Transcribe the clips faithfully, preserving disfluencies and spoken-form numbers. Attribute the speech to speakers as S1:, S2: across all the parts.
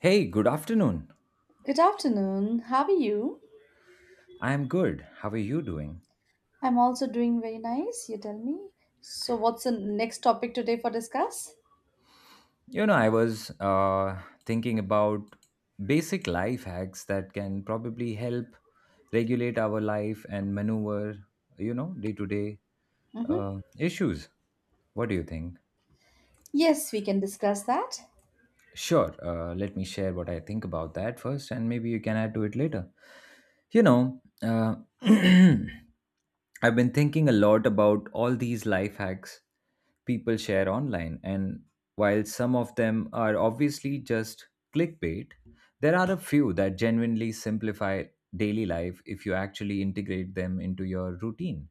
S1: Hey, good afternoon.
S2: Good afternoon. How are you?
S1: I am good. How are you doing?
S2: I'm also doing very nice, you tell me. So what's the next topic today for discuss?
S1: You know, I was uh, thinking about basic life hacks that can probably help regulate our life and maneuver, you know, day to day
S2: Mm-hmm.
S1: issues. What do you think?
S2: Yes, we can discuss that.
S1: Sure, uh, let me share what I think about that first, and maybe you can add to it later. You know, uh, I've been thinking a lot about all these life hacks people share online, and while some of them are obviously just clickbait, there are a few that genuinely simplify daily life if you actually integrate them into your routine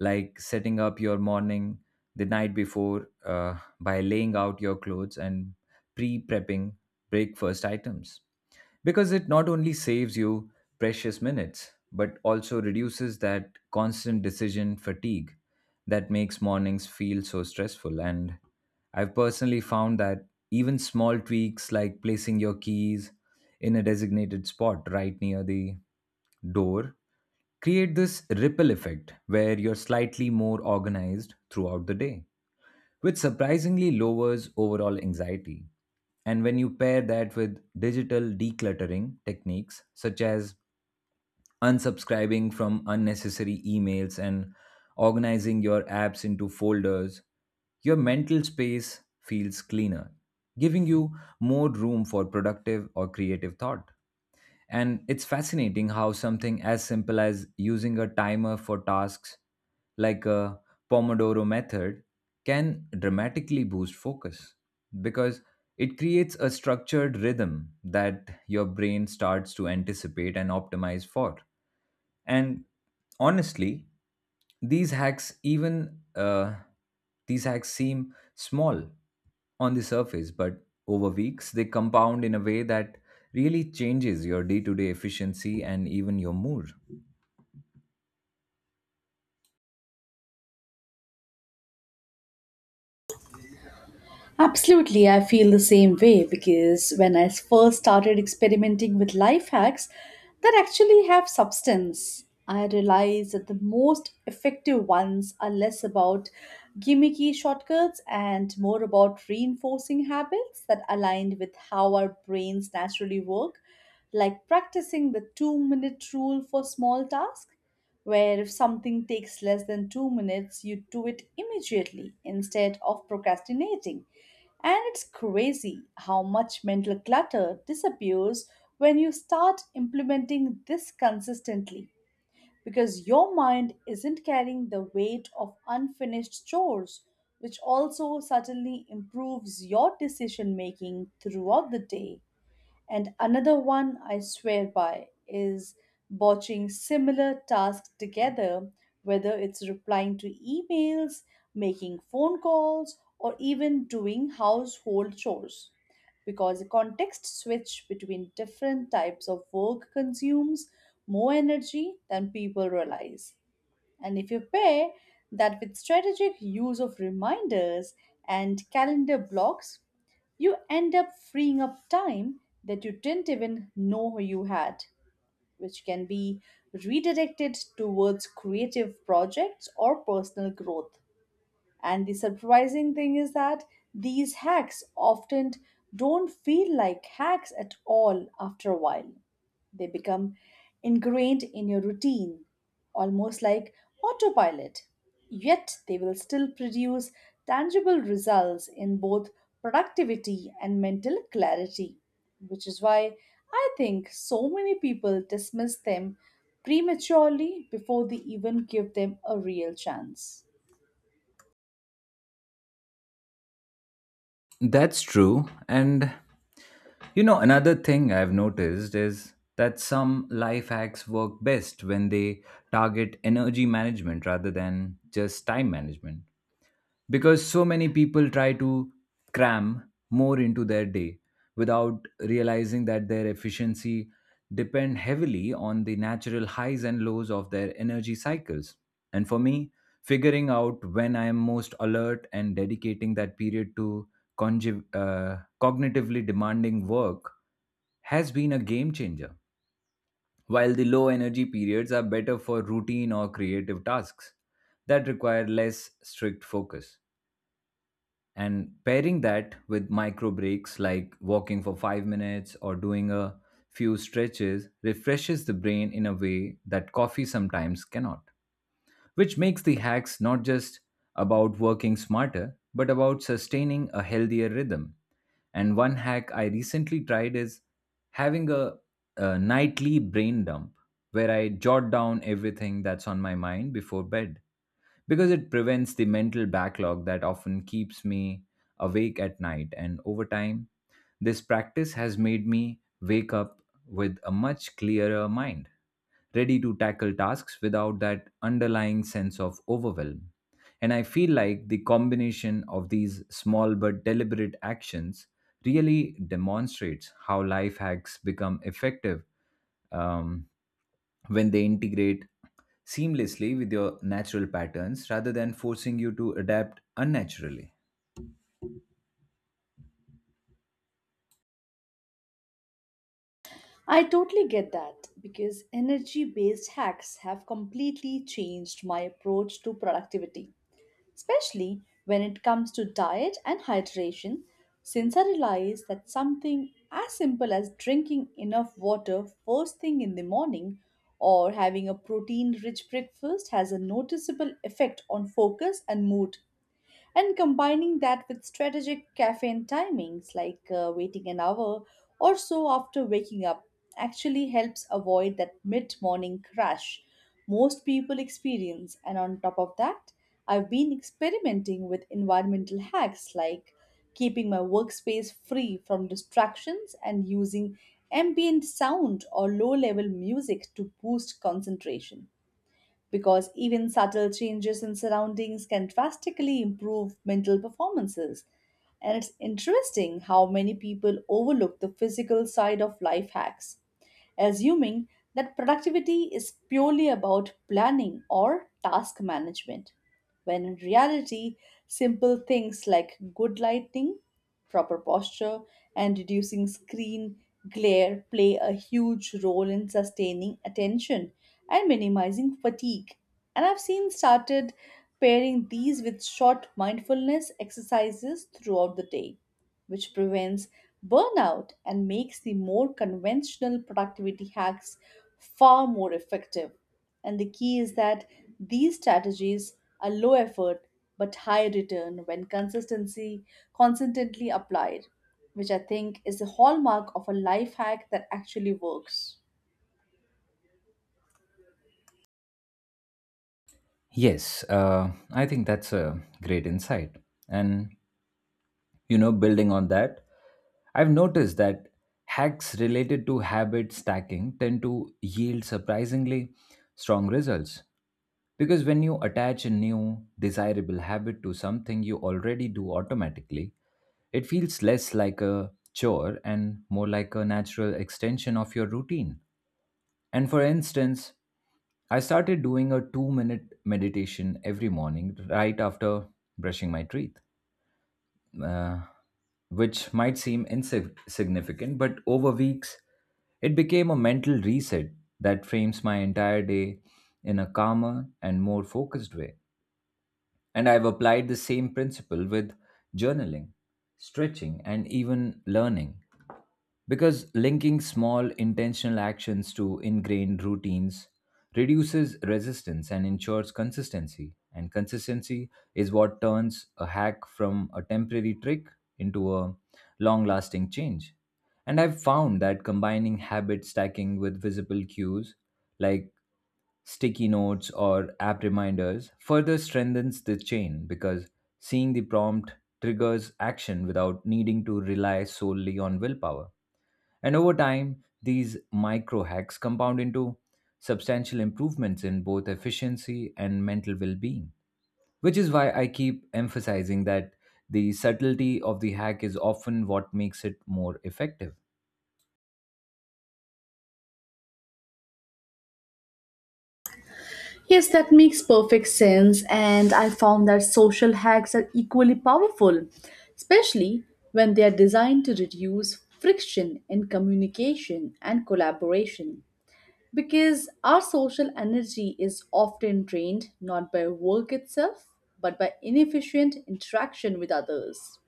S1: like setting up your morning the night before uh, by laying out your clothes and pre prepping breakfast items. Because it not only saves you precious minutes, but also reduces that constant decision fatigue that makes mornings feel so stressful. And I've personally found that even small tweaks like placing your keys in a designated spot right near the door create this ripple effect where you're slightly more organized throughout the day, which surprisingly lowers overall anxiety. And when you pair that with digital decluttering techniques such as unsubscribing from unnecessary emails and organizing your apps into folders, your mental space feels cleaner, giving you more room for productive or creative thought. And it's fascinating how something as simple as using a timer for tasks like a Pomodoro method can dramatically boost focus because it creates a structured rhythm that your brain starts to anticipate and optimize for. And honestly, these hacks even uh, these hacks seem small on the surface, but over weeks they compound in a way that really changes your day-to-day efficiency and even your mood.
S2: Absolutely, I feel the same way because when I first started experimenting with life hacks that actually have substance, I realized that the most effective ones are less about gimmicky shortcuts and more about reinforcing habits that aligned with how our brains naturally work, like practicing the two minute rule for small tasks. Where if something takes less than two minutes, you do it immediately instead of procrastinating, and it's crazy how much mental clutter disappears when you start implementing this consistently, because your mind isn't carrying the weight of unfinished chores, which also certainly improves your decision making throughout the day. And another one I swear by is botching similar tasks together, whether it's replying to emails, making phone calls, or even doing household chores. Because a context switch between different types of work consumes more energy than people realize. And if you pair that with strategic use of reminders and calendar blocks, you end up freeing up time that you didn't even know you had, which can be redirected towards creative projects or personal growth. And the surprising thing is that these hacks often don't feel like hacks at all after a while. They become ingrained in your routine, almost like autopilot. Yet they will still produce tangible results in both productivity and mental clarity, which is why I think so many people dismiss them prematurely before they even give them a real chance.
S1: That's true. And you know, another thing I've noticed is that some life hacks work best when they target energy management rather than just time management. Because so many people try to cram more into their day without realizing that their efficiency depend heavily on the natural highs and lows of their energy cycles, and for me, figuring out when I am most alert and dedicating that period to congi- uh, cognitively demanding work has been a game changer, while the low energy periods are better for routine or creative tasks that require less strict focus. And pairing that with micro breaks like walking for five minutes or doing a few stretches refreshes the brain in a way that coffee sometimes cannot, which makes the hacks not just about working smarter, but about sustaining a healthier rhythm. And one hack I recently tried is having a, a nightly brain dump where I jot down everything that's on my mind before bed, because it prevents the mental backlog that often keeps me awake at night. And over time, this practice has made me wake up with a much clearer mind, ready to tackle tasks without that underlying sense of overwhelm. And I feel like the combination of these small but deliberate actions really demonstrates how life hacks become effective um, when they integrate seamlessly with your natural patterns rather than forcing you to adapt unnaturally.
S2: I totally get that because energy based hacks have completely changed my approach to productivity, especially when it comes to diet and hydration, since I realize that something as simple as drinking enough water first thing in the morning or having a protein rich breakfast has a noticeable effect on focus and mood, and combining that with strategic caffeine timings like uh, waiting an hour or so after waking up actually helps avoid that mid-morning crash most people experience. And on top of that, I've been experimenting with environmental hacks like keeping my workspace free from distractions and using ambient sound or low level music to boost concentration, because even subtle changes in surroundings can drastically improve mental performances. And it's interesting how many people overlook the physical side of life hacks, assuming that productivity is purely about planning or task management when in reality, simple things like good lighting, proper posture, and reducing screen glare play a huge role in sustaining attention and minimizing fatigue. And I've seen started pairing these with short mindfulness exercises throughout the day, which prevents burnout and makes the more conventional productivity hacks far more effective. And the key is that these strategies are low effort but high return when consistency consistently applied, which I think is the hallmark of a life hack that actually works.
S1: Yes, uh, I think that's a great insight. And you know, building on that, I've noticed that hacks related to habit stacking tend to yield surprisingly strong results, because when you attach a new desirable habit to something you already do automatically, it feels less like a chore and more like a natural extension of your routine. And for instance, I started doing a two minute meditation every morning right after brushing my teeth, uh, which might seem insignificant, but over weeks, it became a mental reset that frames my entire day in a calmer and more focused way. And I've applied the same principle with journaling, stretching, and even learning. Because linking small intentional actions to ingrained routines reduces resistance and ensures consistency. And consistency is what turns a hack from a temporary trick into a long lasting change. And I've found that combining habit stacking with visible cues like sticky notes or app reminders further strengthens the chain, because seeing the prompt triggers action without needing to rely solely on willpower. And over time, these micro hacks compound into substantial improvements in both efficiency and mental well being, which is why I keep emphasizing that the subtlety of the hack is often what makes it more effective.
S2: Yes, that makes perfect sense. And I found that social hacks are equally powerful, especially when they are designed to reduce friction in communication and collaboration. Because our social energy is often drained not by work itself, but by inefficient interaction with others.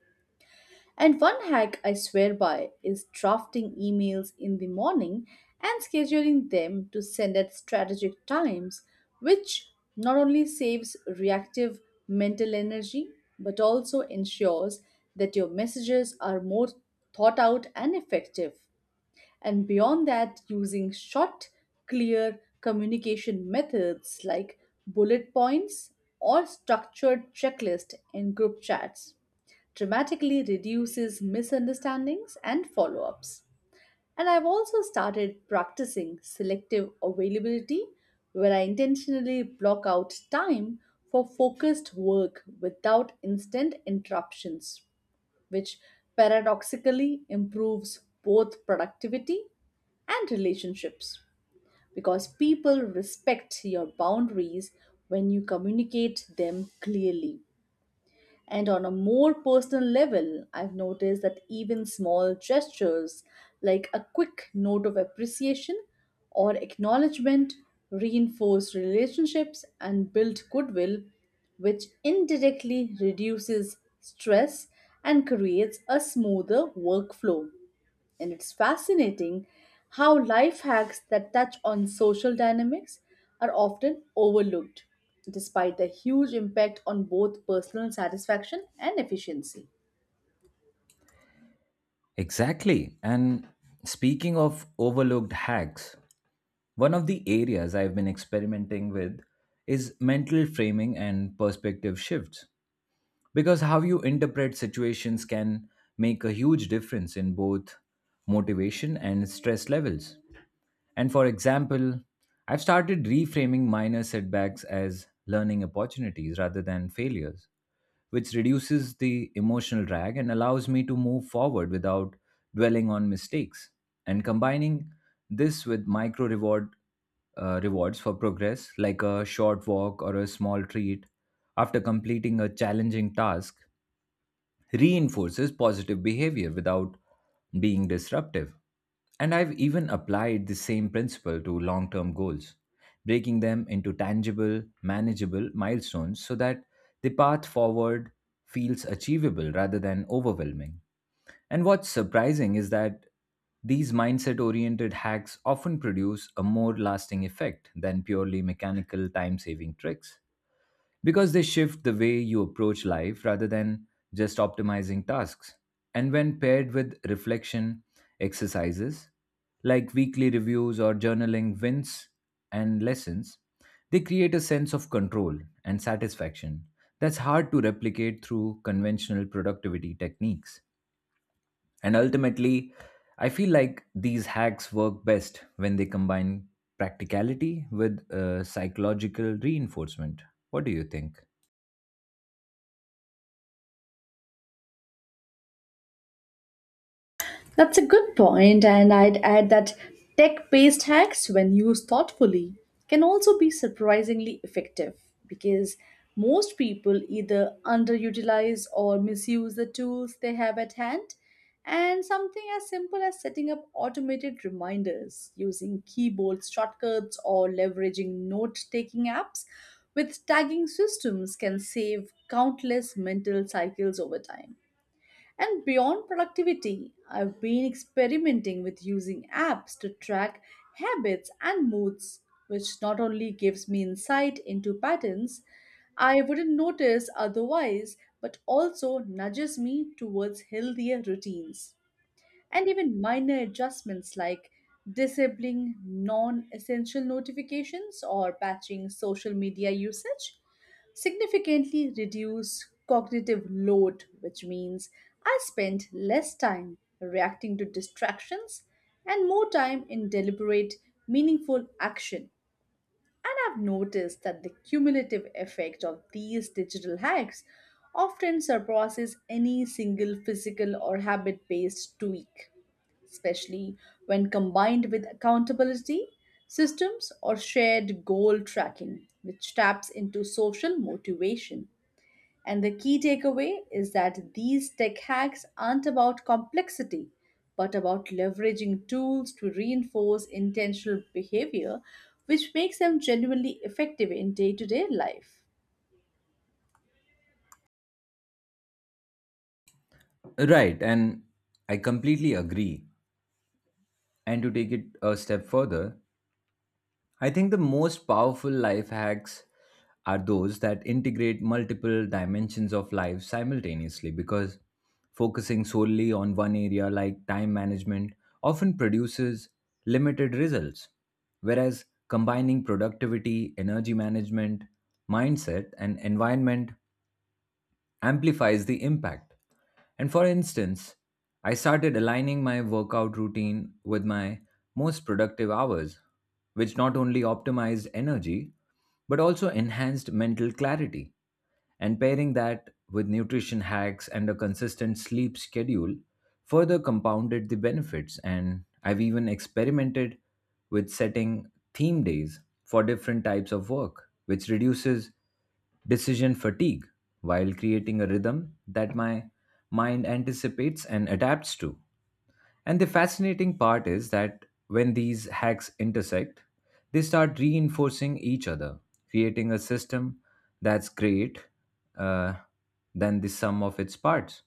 S2: And one hack I swear by is drafting emails in the morning and scheduling them to send at strategic times, which not only saves reactive mental energy but also ensures that your messages are more thought out and effective. And beyond that, using short, clear communication methods like bullet points or structured checklist in group chats dramatically reduces misunderstandings and follow ups. And I've also started practicing selective availability, where I intentionally block out time for focused work without instant interruptions, which paradoxically improves both productivity and relationships because people respect your boundaries when you communicate them clearly. And on a more personal level, I've noticed that even small gestures like a quick note of appreciation or acknowledgement reinforce relationships and build goodwill, which indirectly reduces stress and creates a smoother workflow. And it's fascinating how life hacks that touch on social dynamics are often overlooked, despite their huge impact on both personal satisfaction and efficiency.
S1: Exactly. And speaking of overlooked hacks, one of the areas I've been experimenting with is mental framing and perspective shifts, because how you interpret situations can make a huge difference in both motivation and stress levels. And for example, I've started reframing minor setbacks as learning opportunities rather than failures, which reduces the emotional drag and allows me to move forward without dwelling on mistakes. And combining this with micro reward uh, rewards for progress, like a short walk or a small treat after completing a challenging task, reinforces positive behavior without being disruptive. And I've even applied the same principle to long term goals, breaking them into tangible, manageable milestones so that the path forward feels achievable rather than overwhelming. And what's surprising is that these mindset oriented hacks often produce a more lasting effect than purely mechanical time saving tricks, because they shift the way you approach life rather than just optimizing tasks. And when paired with reflection exercises like weekly reviews or journaling wins and lessons, they create a sense of control and satisfaction that's hard to replicate through conventional productivity techniques. And ultimately, I feel like these hacks work best when they combine practicality with uh, psychological reinforcement. What do you think?
S2: That's a good point, and I'd add that tech based hacks, when used thoughtfully, can also be surprisingly effective because most people either underutilize or misuse the tools they have at hand. And something as simple as setting up automated reminders using keyboard shortcuts or leveraging note taking apps with tagging systems can save countless mental cycles over time. And beyond productivity, I've been experimenting with using apps to track habits and moods, which not only gives me insight into patterns I wouldn't notice otherwise, but also nudges me towards healthier routines, and even minor adjustments like disabling non essential notifications or patching social media usage significantly reduce cognitive load, which means I spend less time reacting to distractions and more time in deliberate, meaningful action. And I've noticed that the cumulative effect of these digital hacks often surpasses any single physical or habit based tweak, especially when combined with accountability systems or shared goal tracking, which taps into social motivation. And the key takeaway is that these tech hacks aren't about complexity, but about leveraging tools to reinforce intentional behavior, which makes them genuinely effective in day to day life.
S1: Right, and I completely agree. And to take it a step further, I think the most powerful life hacks are those that integrate multiple dimensions of life simultaneously, because focusing solely on one area like time management often produces limited results, whereas combining productivity, energy management, mindset, and environment amplifies the impact. And for instance, I started aligning my workout routine with my most productive hours, which not only optimized energy, but also enhanced mental clarity. And pairing that with nutrition hacks and a consistent sleep schedule further compounded the benefits. And I've even experimented with setting theme days for different types of work, which reduces decision fatigue while creating a rhythm that my mind anticipates and adapts to. And the fascinating part is that when these hacks intersect, they start reinforcing each other, creating a system that's great uh, than the sum of its parts.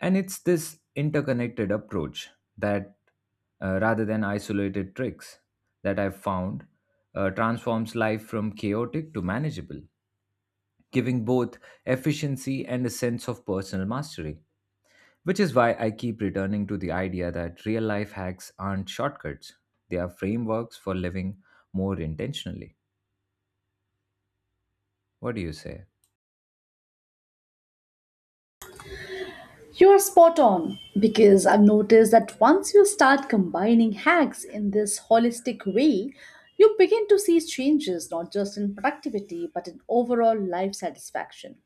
S1: And it's this interconnected approach that, uh, rather than isolated tricks, that I've found uh, transforms life from chaotic to manageable, giving both efficiency and a sense of personal mastery. Which is why I keep returning to the idea that real life hacks aren't shortcuts, they are frameworks for living more intentionally. What do you say?
S2: You are spot on because I've noticed that once you start combining hacks in this holistic way, you begin to see changes not just in productivity but in overall life satisfaction.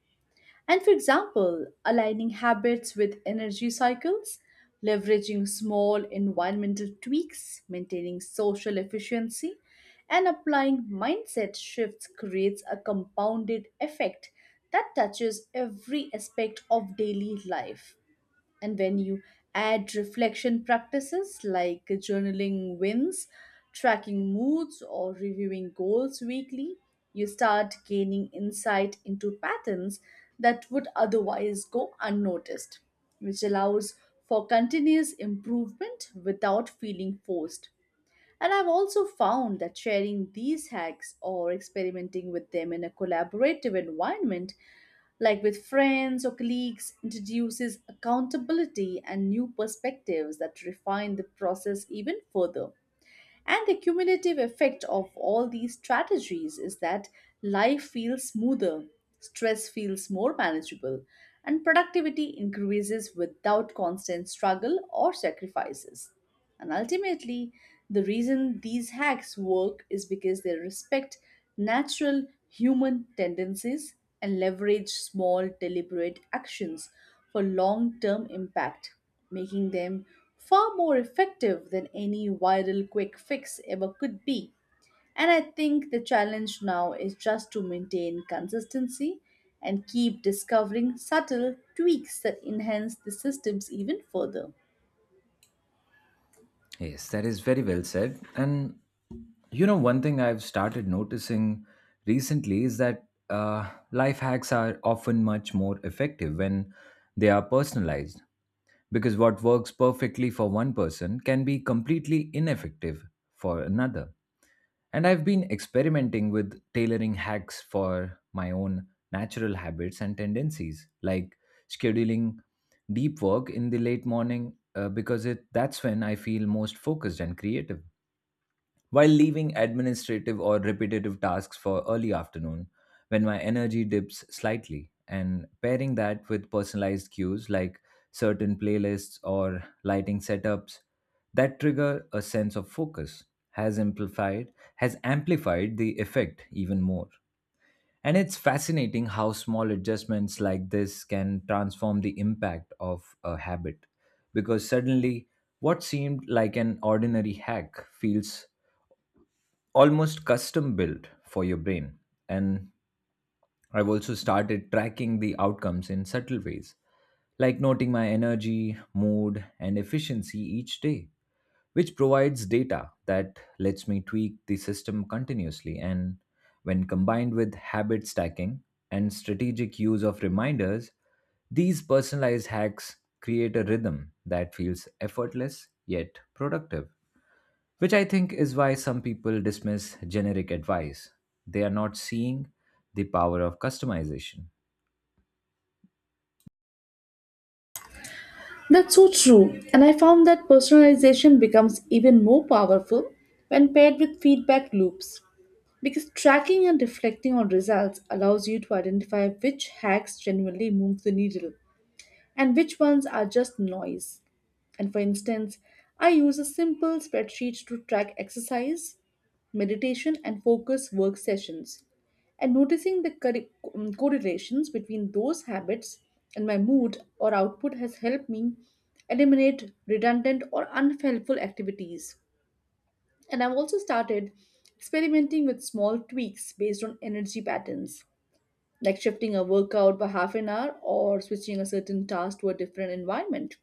S2: And for example, aligning habits with energy cycles, leveraging small environmental tweaks, maintaining social efficiency, and applying mindset shifts creates a compounded effect that touches every aspect of daily life. And when you add reflection practices like journaling wins, tracking moods, or reviewing goals weekly, you start gaining insight into patterns that would otherwise go unnoticed, which allows for continuous improvement without feeling forced. And I've also found that sharing these hacks or experimenting with them in a collaborative environment like with friends or colleagues introduces accountability and new perspectives that refine the process even further. And the cumulative effect of all these strategies is that life feels smoother, stress feels more manageable, and productivity increases without constant struggle or sacrifices. And ultimately, the reason these hacks work is because they respect natural human tendencies and leverage small, deliberate actions for long term impact, making them far more effective than any viral quick fix ever could be. And I think the challenge now is just to maintain consistency and keep discovering subtle tweaks that enhance the systems even further.
S1: Yes, that is very well said. And you know, one thing I've started noticing recently is that uh, life hacks are often much more effective when they are personalized, because what works perfectly for one person can be completely ineffective for another. And I've been experimenting with tailoring hacks for my own natural habits and tendencies, like scheduling deep work in the late morning uh, because it that's when I feel most focused and creative, while leaving administrative or repetitive tasks for early afternoon when my energy dips slightly. And pairing that with personalized cues like certain playlists or lighting setups that trigger a sense of focus has amplified has amplified the effect even more. And it's fascinating how small adjustments like this can transform the impact of a habit, because suddenly what seemed like an ordinary hack feels almost custom built for your brain. And I've also started tracking the outcomes in subtle ways, like noting my energy, mood, and efficiency each day, which provides data that lets me tweak the system continuously. And when combined with habit stacking and strategic use of reminders, these personalized hacks create a rhythm that feels effortless yet productive. Which I think is why some people dismiss generic advice. They are not seeing the power of customization.
S2: That's so true. And I found that personalization becomes even more powerful when paired with feedback loops. Because tracking and reflecting on results allows you to identify which hacks genuinely move the needle and which ones are just noise. And for instance, I use a simple spreadsheet to track exercise, meditation, and focus work sessions. And noticing the corre- um, correlations between those habits and my mood or output has helped me eliminate redundant or unhelpful activities. And I've also started experimenting with small tweaks based on energy patterns like shifting a workout by half an hour or switching a certain task to a different environment.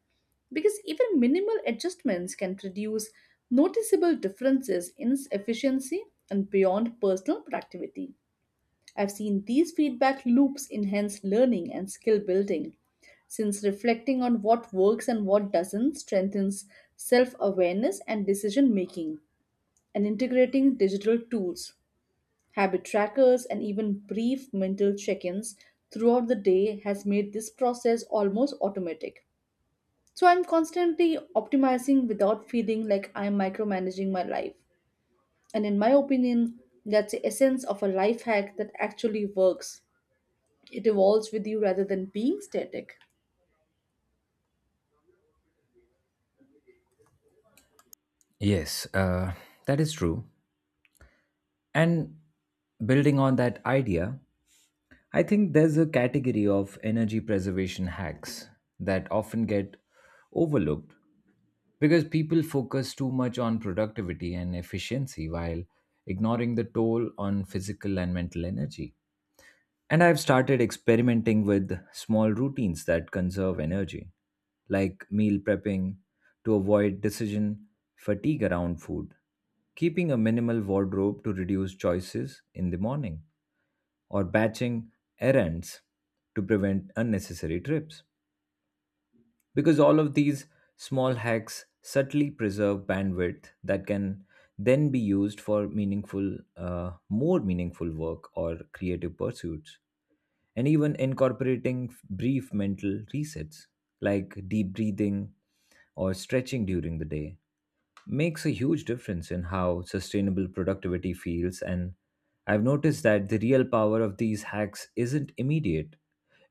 S2: Because even minimal adjustments can produce noticeable differences in efficiency and beyond personal productivity. I've seen these feedback loops enhance learning and skill building, since reflecting on what works and what doesn't strengthens self awareness and decision making, and integrating digital tools, habit trackers, and even brief mental check-ins throughout the day has made this process almost automatic. So I'm constantly optimizing without feeling like I'm micromanaging my life. And in my opinion, that's the essence of a life hack that actually works. It evolves with you rather than being static.
S1: Yes, uh, that is true. And building on that idea, I think there's a category of energy preservation hacks that often get overlooked, because people focus too much on productivity and efficiency while ignoring the toll on physical and mental energy. And I've started experimenting with small routines that conserve energy, like meal prepping to avoid decision fatigue around food, keeping a minimal wardrobe to reduce choices in the morning, or batching errands to prevent unnecessary trips. Because all of these small hacks subtly preserve bandwidth that can then be used for meaningful, uh, more meaningful work or creative pursuits. And even incorporating brief mental resets like deep breathing or stretching during the day makes a huge difference in how sustainable productivity feels. And I've noticed that the real power of these hacks isn't immediate,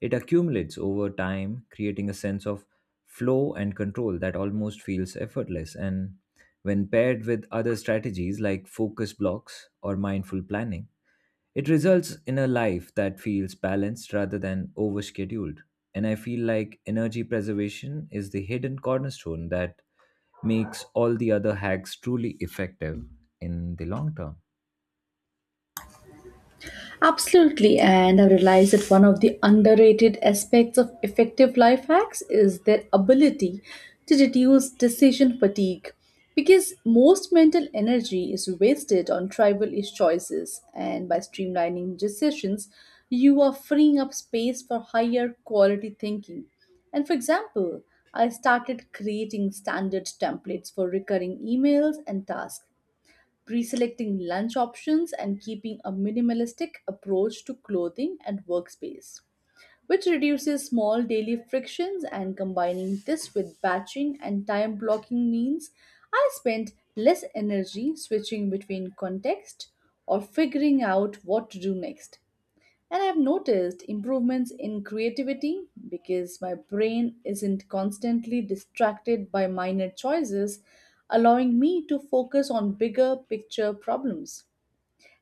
S1: it accumulates over time, creating a sense of flow and control that almost feels effortless. And when paired with other strategies like focus blocks or mindful planning, it results in a life that feels balanced rather than overscheduled. And I feel like energy preservation is the hidden cornerstone that makes all the other hacks truly effective in the long term.
S2: Absolutely, and I realized that one of the underrated aspects of effective life hacks is their ability to reduce decision fatigue. Because most mental energy is wasted on trivial choices, and by streamlining decisions, you are freeing up space for higher quality thinking. And for example, I started creating standard templates for recurring emails and tasks, pre-selecting lunch options, and keeping a minimalistic approach to clothing and workspace, which reduces small daily frictions, and combining this with batching and time blocking means I spend less energy switching between context or figuring out what to do next. And I've noticed improvements in creativity because my brain isn't constantly distracted by minor choices, allowing me to focus on bigger picture problems.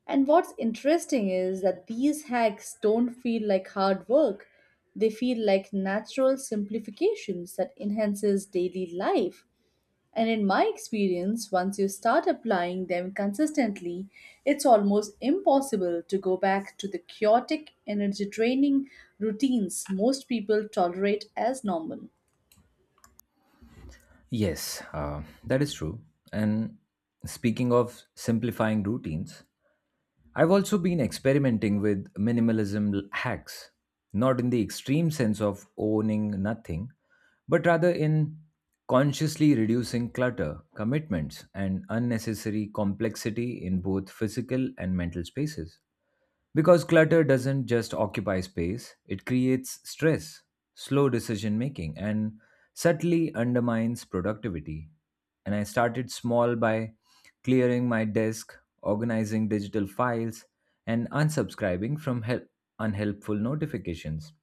S2: And what's interesting is that these hacks don't feel like hard work. They feel like natural simplifications that enhances daily life, and in my experience, once you start applying them consistently, it's almost impossible to go back to the chaotic energy draining routines most people tolerate as normal.
S1: Yes, uh, that is true. And speaking of simplifying routines, I've also been experimenting with minimalism l- hacks, not in the extreme sense of owning nothing, but rather in consciously reducing clutter, commitments, and unnecessary complexity in both physical and mental spaces. Because clutter doesn't just occupy space, it creates stress, slow decision making, and subtly undermines productivity. And I started small by clearing my desk, organizing digital files, and unsubscribing from hel- unhelpful notifications.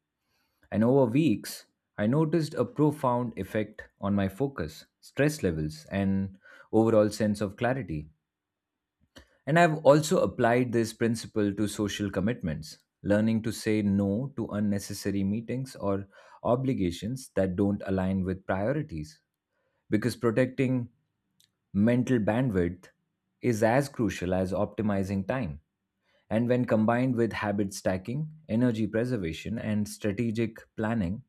S1: And over weeks, I noticed a profound effect on my focus, stress levels, and overall sense of clarity. And I've also applied this principle to social commitments, learning to say no to unnecessary meetings or obligations that don't align with priorities, because protecting mental bandwidth is as crucial as optimizing time. And when combined with habit stacking, energy preservation, and strategic planning,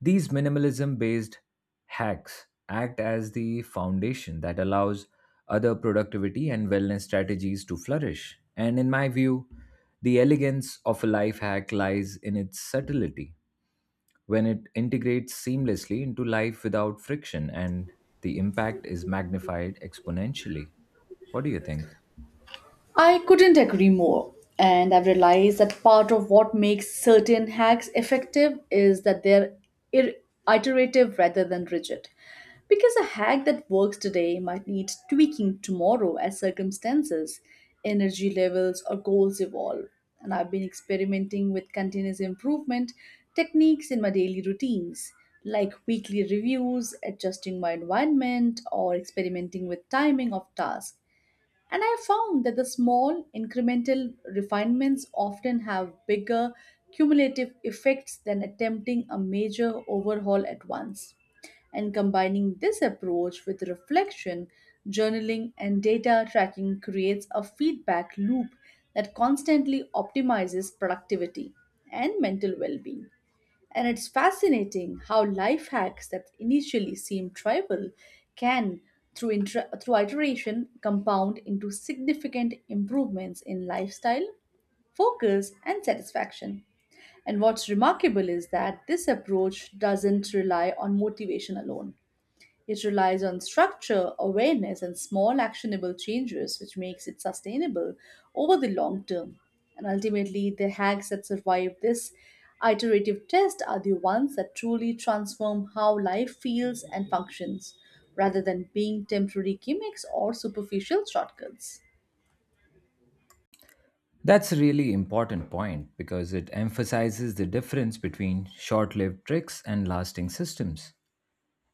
S1: these minimalism based hacks act as the foundation that allows other productivity and wellness strategies to flourish. And in my view, the elegance of a life hack lies in its subtlety. When it integrates seamlessly into life without friction, and the impact is magnified exponentially. What do you think?
S2: I couldn't agree more. And I've realized that part of what makes certain hacks effective is that they're ir- iterative rather than rigid. Because a hack that works today might need tweaking tomorrow as circumstances, energy levels, or goals evolve. And I've been experimenting with continuous improvement techniques in my daily routines, like weekly reviews, adjusting my environment, or experimenting with timing of tasks, and I found that the small incremental refinements often have bigger cumulative effects than attempting a major overhaul at once. And combining this approach with reflection, journaling, and data tracking creates a feedback loop that constantly optimizes productivity and mental well being. And it's fascinating how life hacks that initially seem trivial can, through, inter- through iteration, compound into significant improvements in lifestyle, focus, and satisfaction. And what's remarkable is that this approach doesn't rely on motivation alone. It relies on structure, awareness, and small actionable changes, which makes it sustainable over the long term. And ultimately, the hacks that survive this iterative test are the ones that truly transform how life feels and functions, rather than being temporary gimmicks or superficial shortcuts.
S1: That's a really important point, because it emphasizes the difference between short lived tricks and lasting systems.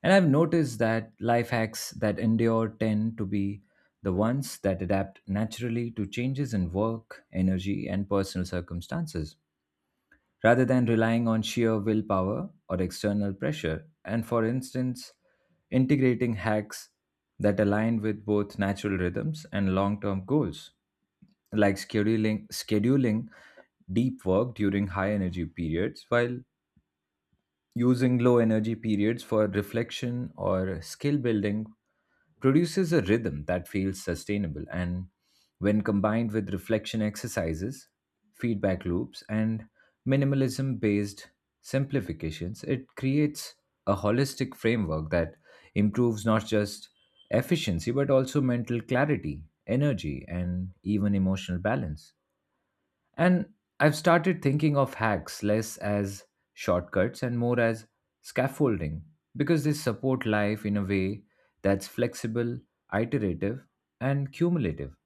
S1: And I've noticed that life hacks that endure tend to be the ones that adapt naturally to changes in work, energy, and personal circumstances, rather than relying on sheer willpower or external pressure. And for instance, integrating hacks that align with both natural rhythms and long term goals, like scheduling, scheduling deep work during high energy periods while using low energy periods for reflection or skill building, produces a rhythm that feels sustainable. And when combined with reflection exercises, feedback loops, and minimalism based simplifications, it creates a holistic framework that improves not just efficiency but also mental clarity, energy, and even emotional balance. And I've started thinking of hacks less as shortcuts and more as scaffolding, because they support life in a way that's flexible, iterative, and cumulative.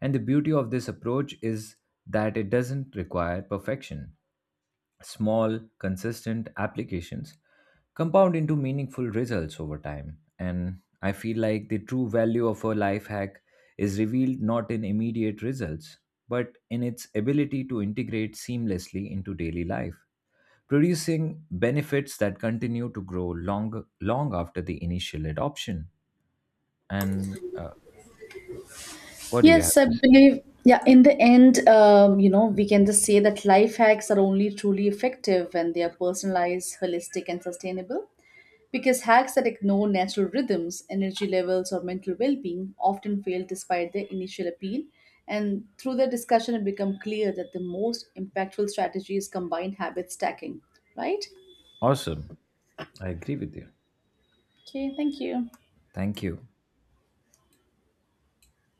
S1: And the beauty of this approach is that it doesn't require perfection. Small, consistent applications compound into meaningful results over time. And I feel like the true value of a life hack is revealed not in immediate results, but in its ability to integrate seamlessly into daily life, producing benefits that continue to grow long, long after the initial adoption. And uh, what do you have
S2: Yes, I
S1: to say?
S2: believe, yeah, in the end, um, you know, we can just say that life hacks are only truly effective when they are personalized, holistic, and sustainable. Because hacks that ignore natural rhythms, energy levels, or mental well being often fail despite their initial appeal. And through the discussion, it becomes clear that the most impactful strategy is combined habit stacking, right?
S1: Awesome. I agree with you.
S2: Okay, thank you.
S1: Thank you.